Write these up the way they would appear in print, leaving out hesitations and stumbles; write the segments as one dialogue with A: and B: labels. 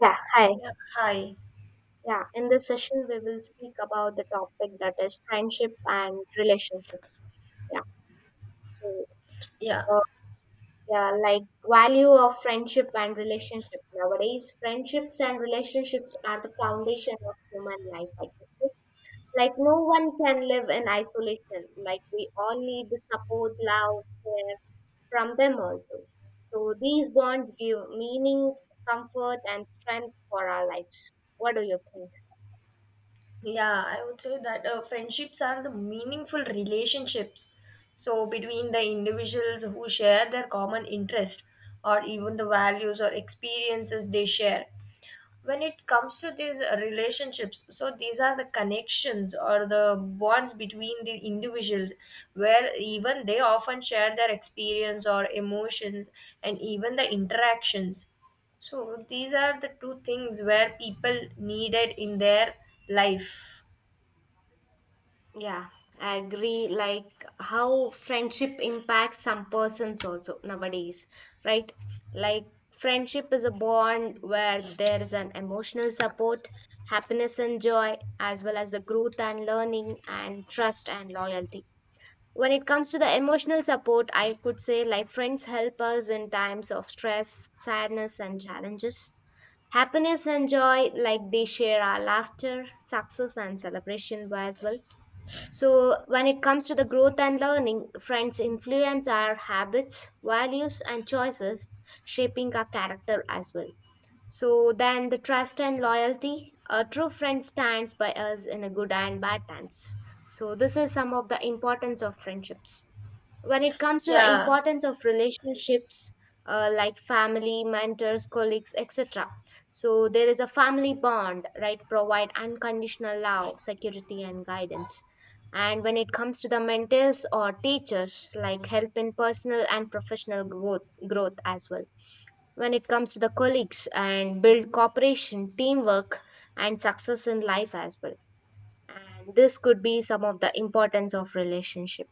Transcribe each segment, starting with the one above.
A: Yeah, hi.
B: Yeah, hi.
A: Yeah, in this session, we will speak about the topic that is friendship and relationship. Yeah, so
B: Yeah,
A: uh, yeah, like value of friendship and relationship. Nowadays, friendships and relationships are the foundation of human life, I can say. Like, no one can live in isolation. Like, we all need the support, love, care from them also. So, these bonds give meaning, comfort, and strength for our lives. What do you think?
B: yeah. I would say that friendships are the meaningful relationships. So between the individuals who share their common interest or even the values or experiences they share. When it comes to these relationships, so these are the connections or the bonds between the individuals where even they often share their experience or emotions and even the interactions. So these are the two things where people needed in their life.
A: Yeah, I agree. Like how friendship impacts some persons also nowadays, right? Like friendship is a bond where there is an emotional support, happiness and joy, as well as the growth and learning and trust and loyalty. When it comes to the emotional support, I could say like friends help us in times of stress, sadness, and challenges. Happiness and joy, like they share our laughter, success, and celebration as well. So, when it comes to the growth and learning, friends influence our habits, values, and choices, shaping our character as well. So, then the trust and loyalty. A true friend stands by us in a good and bad times. So, this is some of the importance of friendships. When it comes to the
B: Yeah.
A: importance of relationships, like family, mentors, colleagues, etc. So there is a family bond, right? Provide unconditional love, security, and guidance. And when it comes to the mentors or teachers, like help in personal and professional growth as well. When it comes to the colleagues, and build cooperation, teamwork, and success in life as well. And this could be some of the importance of relationship.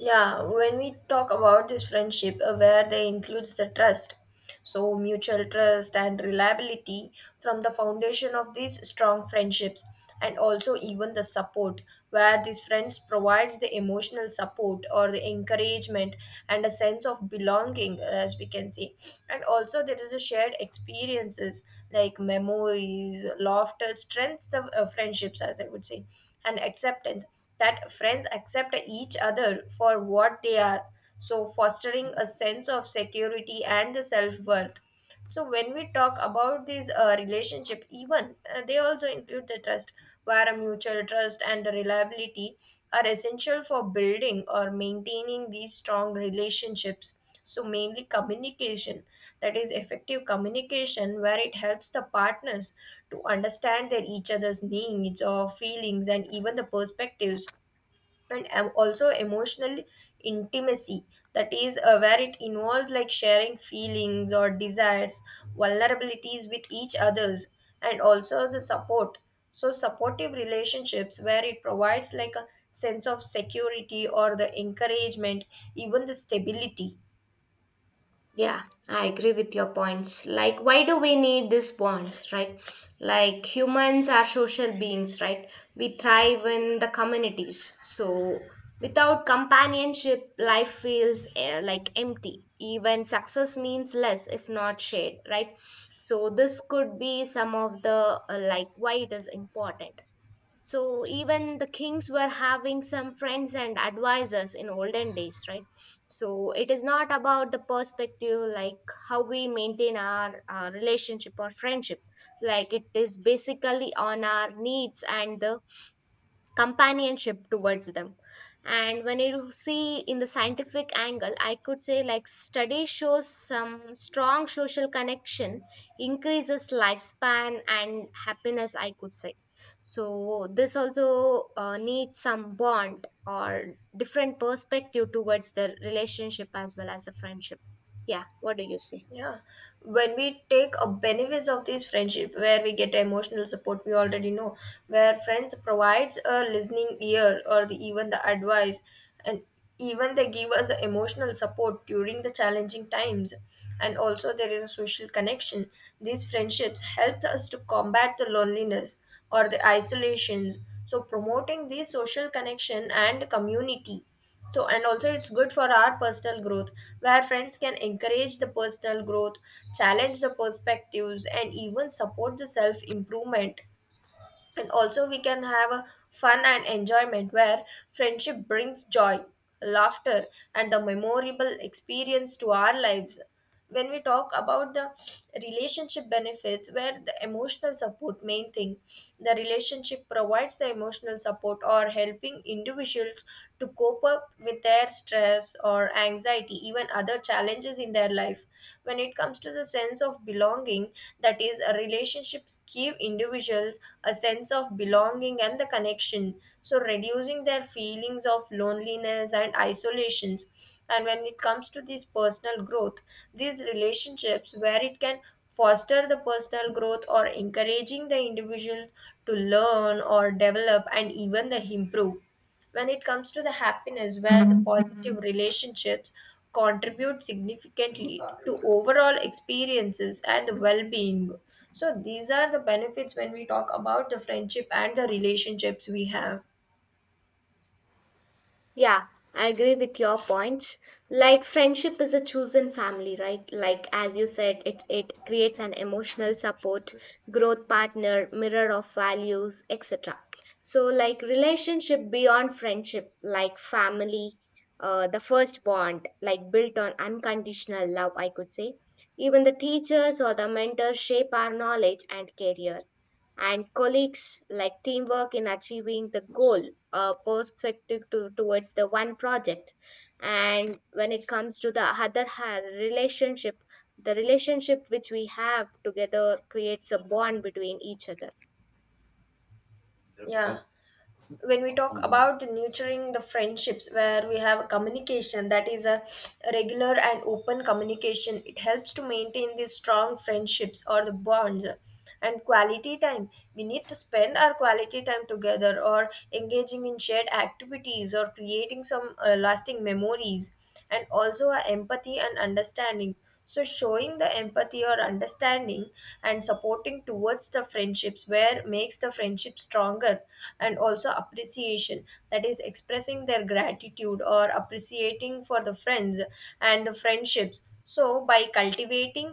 B: Yeah, when we talk about this friendship, where they includes the trust, so mutual trust and reliability from the foundation of these strong friendships, and also even the support, where these friends provides the emotional support or the encouragement and a sense of belonging, as we can see, and also there is a shared experiences like memories, laughter, strengths the friendships, as I would say, and acceptance that friends accept each other for what they are, so fostering a sense of security and the self worth. So when we talk about these relationship, even they also include the trust, where a mutual trust and the reliability are essential for building or maintaining these strong relationships. So mainly communication, that is effective communication, where it helps the partners to understand their each other's needs or feelings and even the perspectives and also emotional intimacy, that is where it involves like sharing feelings or desires vulnerabilities with each others, and also the support, so supportive relationships where it provides like a sense of security or the encouragement, even the stability.
A: Yeah, I agree with your points. Like, why do we need these bonds, right? Like, humans are social beings, right? We thrive in the communities. So, without companionship, life feels like empty. Even success means less if not shared, right? So, this could be some of the like why it is important. So even the kings were having some friends and advisors in olden days, right? So it is not about the perspective like how we maintain our relationship or friendship. Like it is basically on our needs and the companionship towards them. And when you see in the scientific angle, I could say like study shows some strong social connection increases lifespan and happiness, I could say. So this also needs some bond or different perspective towards the relationship as well as the friendship. Yeah, what do you say?
B: Yeah, when we take a benefits of this friendship, where we get emotional support, we already know where friends provides a listening ear or the, even the advice, and even they give us the emotional support during the challenging times. And also there is a social connection. These friendships help us to combat the loneliness or the isolations. So promoting the social connection and community, so and also it's good for our personal growth where friends can encourage the personal growth, challenge the perspectives and even support the self improvement. And also we can have a fun and enjoyment where friendship brings joy, laughter and the memorable experience to our lives. When we talk about the relationship benefits, where the emotional support main thing, the relationship provides the emotional support or helping individuals to cope up with their stress or anxiety, even other challenges in their life. When it comes to the sense of belonging, that is, a relationships give individuals a sense of belonging and the connection, so reducing their feelings of loneliness and isolations. And when it comes to this personal growth, these relationships where it can foster the personal growth or encouraging the individual to learn or develop and even the improve. When it comes to the happiness where the positive relationships contribute significantly to overall experiences and well-being, so these are the benefits when we talk about the friendship and the relationships we have.
A: Yeah, I agree with your points. Like friendship is a chosen family, right? Like as you said, it creates an emotional support, growth partner, mirror of values, etc. So like relationship beyond friendship, like family, the first bond, like built on unconditional love, I could say. Even the teachers or the mentors shape our knowledge and career, and colleagues like teamwork in achieving the goal, perspective towards the one project. And when it comes to the other relationship, the relationship which we have together creates a bond between each other.
B: Yeah, when we talk about the nurturing the friendships, where we have a communication, that is a regular and open communication, it helps to maintain these strong friendships or the bonds, and quality time, we need to spend our quality time together or engaging in shared activities or creating some lasting memories, and also our empathy and understanding, so, showing the empathy or understanding and supporting towards the friendships where makes the friendship stronger, and also appreciation, that is expressing their gratitude or appreciating for the friends and the friendships. So, by cultivating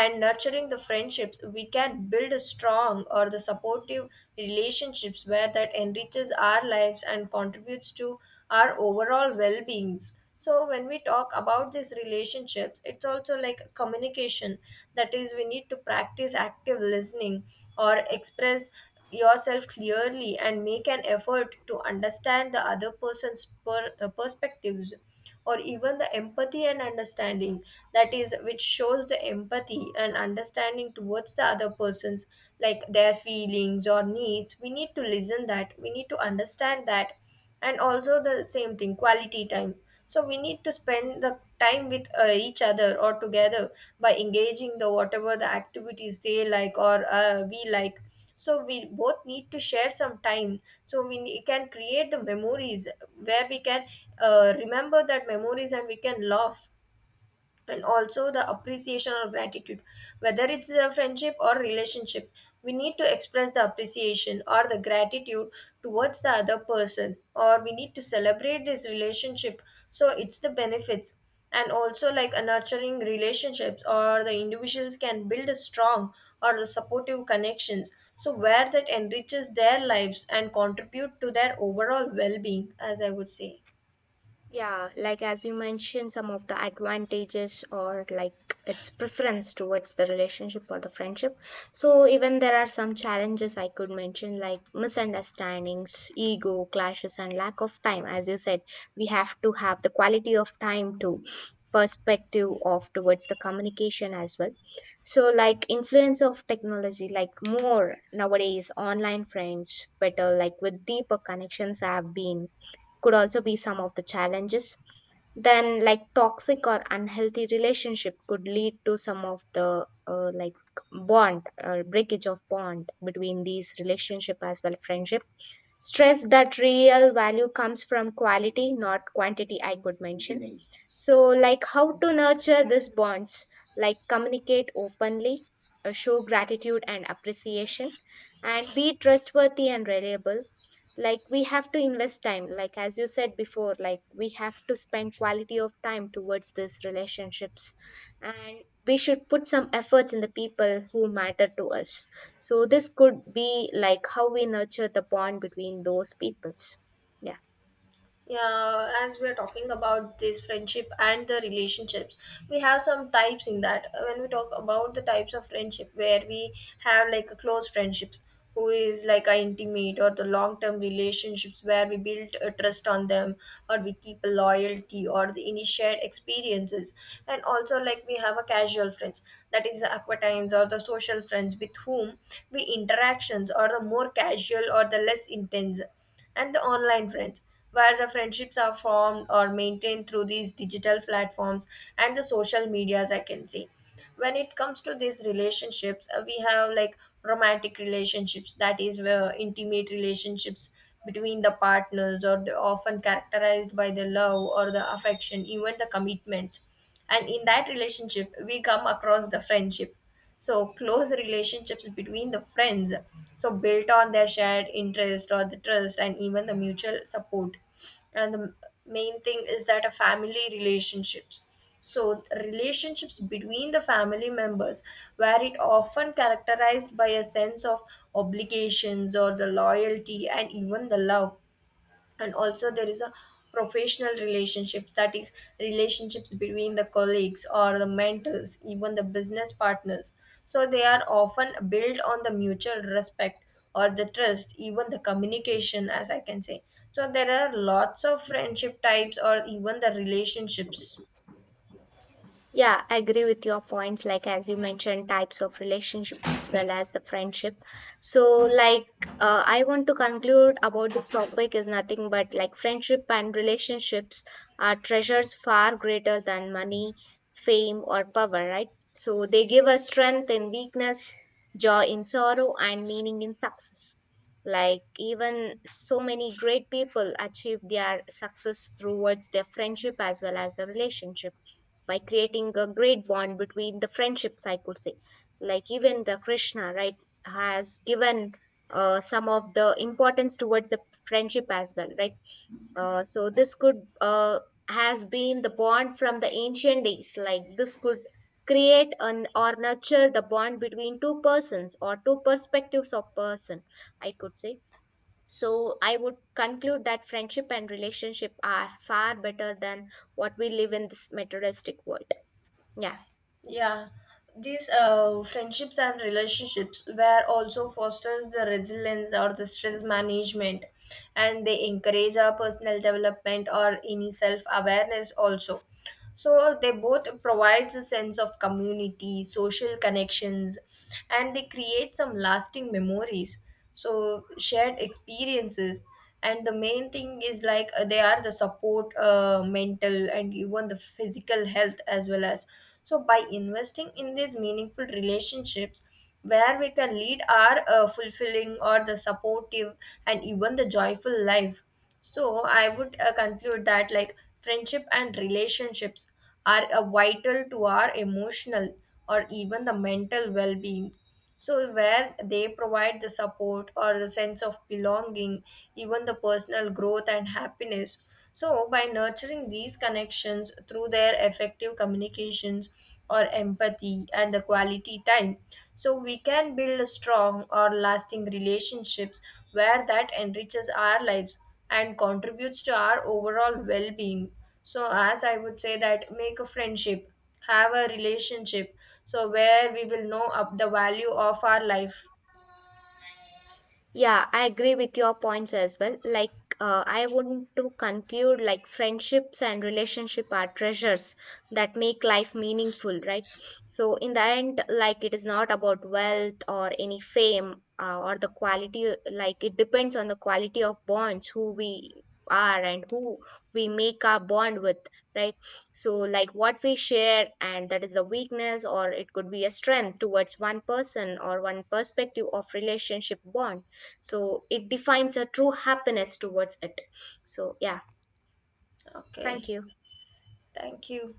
B: and nurturing the friendships, we can build a strong or the supportive relationships where that enriches our lives and contributes to our overall well-beings. So when we talk about these relationships, it's also like communication, that is we need to practice active listening or express yourself clearly and make an effort to understand the other person's perspectives, or even the empathy and understanding, that is which shows the empathy and understanding towards the other persons, like their feelings or needs, we need to listen that, we need to understand that. And also the same thing quality time, so we need to spend the time with each other or together, by engaging the whatever the activities they like or we like, so we both need to share some time, so we can create the memories where we can remember that memories and we can laugh. And also the appreciation or gratitude, whether it's a friendship or relationship, we need to express the appreciation or the gratitude towards the other person, or we need to celebrate this relationship, so it's the benefits. And also like a nurturing relationships or the individuals can build a strong or the supportive connections, so where that enriches their lives and contribute to their overall well-being, as I would say.
A: Yeah, like as you mentioned, some of the advantages or like its preference towards the relationship or the friendship. So, even there are some challenges I could mention, like misunderstandings, ego clashes, and lack of time. As you said, we have to have the quality of time to perspective of towards the communication as well. So like influence of technology, like more nowadays online friends better, like with deeper connections have been, could also be some of the challenges. Then like toxic or unhealthy relationship could lead to some of the like bond or breakage of bond between these relationship as well friendship. Stress that real value comes from quality, not quantity, I could mention. Mhm. So, like how to nurture these bonds, like communicate openly, show gratitude and appreciation, and be trustworthy and reliable. Like we have to invest time, like as you said before, like we have to spend quality of time towards these relationships. And we should put some efforts in the people who matter to us. So this could be like how we nurture the bond between those peoples. Yeah.
B: Yeah, as we are talking about this friendship and the relationships, we have some types in that. When we talk about the types of friendship, where we have like a close friendships, who is like a intimate or the long term relationships where we build a trust on them, or we keep a loyalty or the initiate experiences, and also like we have a casual friends, that is the acquaintance or the social friends with whom we interactions or the more casual or the less intense, and the online friends, where the friendships are formed or maintained through these digital platforms and the social medias, I can say. When it comes to these relationships, we have like romantic relationships, that is, where intimate relationships between the partners, or they often characterized by the love or the affection, even the commitment. And in that relationship we come across the friendship, so close relationships between the friends, so built on their shared interest or the trust and even the mutual support. And the main thing is that a family relationships, so relationships between the family members, where it often characterized by a sense of obligations or the loyalty and even the love. And also there is a professional relationships, that is relationships between the colleagues or the mentors, even the business partners, so they are often built on the mutual respect or the trust, even the communication, as I can say. So there are lots of friendship types or even the relationships.
A: Yeah, I agree with your points. Like as you mentioned, types of relationships as well as the friendship. So, like, I want to conclude about this topic is nothing but like friendship and relationships are treasures far greater than money, fame, or power. Right? So they give us strength in weakness, joy in sorrow, and meaning in success. Like even so many great people achieve their success towards their friendship as well as the relationship by creating a great bond between the friendships, I could say. Like even the Krishna, right, has given some of the importance towards the friendship as well, right? Uh, so this could uh, has been the bond from the ancient days, like this could create an or nurture the bond between two persons or two perspectives of person, I could say. So I would conclude that friendship and relationship are far better than what we live in this materialistic world. Yeah.
B: Yeah, these friendships and relationships were also fosters the resilience or the stress management, and they encourage our personal development or any self awareness also. So they both provides a sense of community, social connections, and they create some lasting memories. So shared experiences, and the main thing is like they are the support, mental and even the physical health as well as. So by investing in these meaningful relationships, where we can lead our fulfilling or the supportive and even the joyful life. So I would conclude that like friendship and relationships are vital to our emotional or even the mental well-being. So where they provide the support or the sense of belonging, even the personal growth and happiness. So, by nurturing these connections through their effective communications or empathy and the quality time, so we can build strong or lasting relationships where that enriches our lives and contributes to our overall well being. So, as I would say, that make a friendship, have a relationship, so where we will know up the value of our life.
A: Yeah, I agree with your points as well. Like, I want to conclude like friendships and relationship are treasures that make life meaningful, right? So in the end, like it is not about wealth or any fame, or the quality. Like it depends on the quality of bonds, who we are and who we make our bond with, right? So like what we share, and that is a weakness or it could be a strength towards one person or one perspective of relationship bond, so it defines a true happiness towards it. So yeah, thank
B: Okay,
A: you.
B: thank you.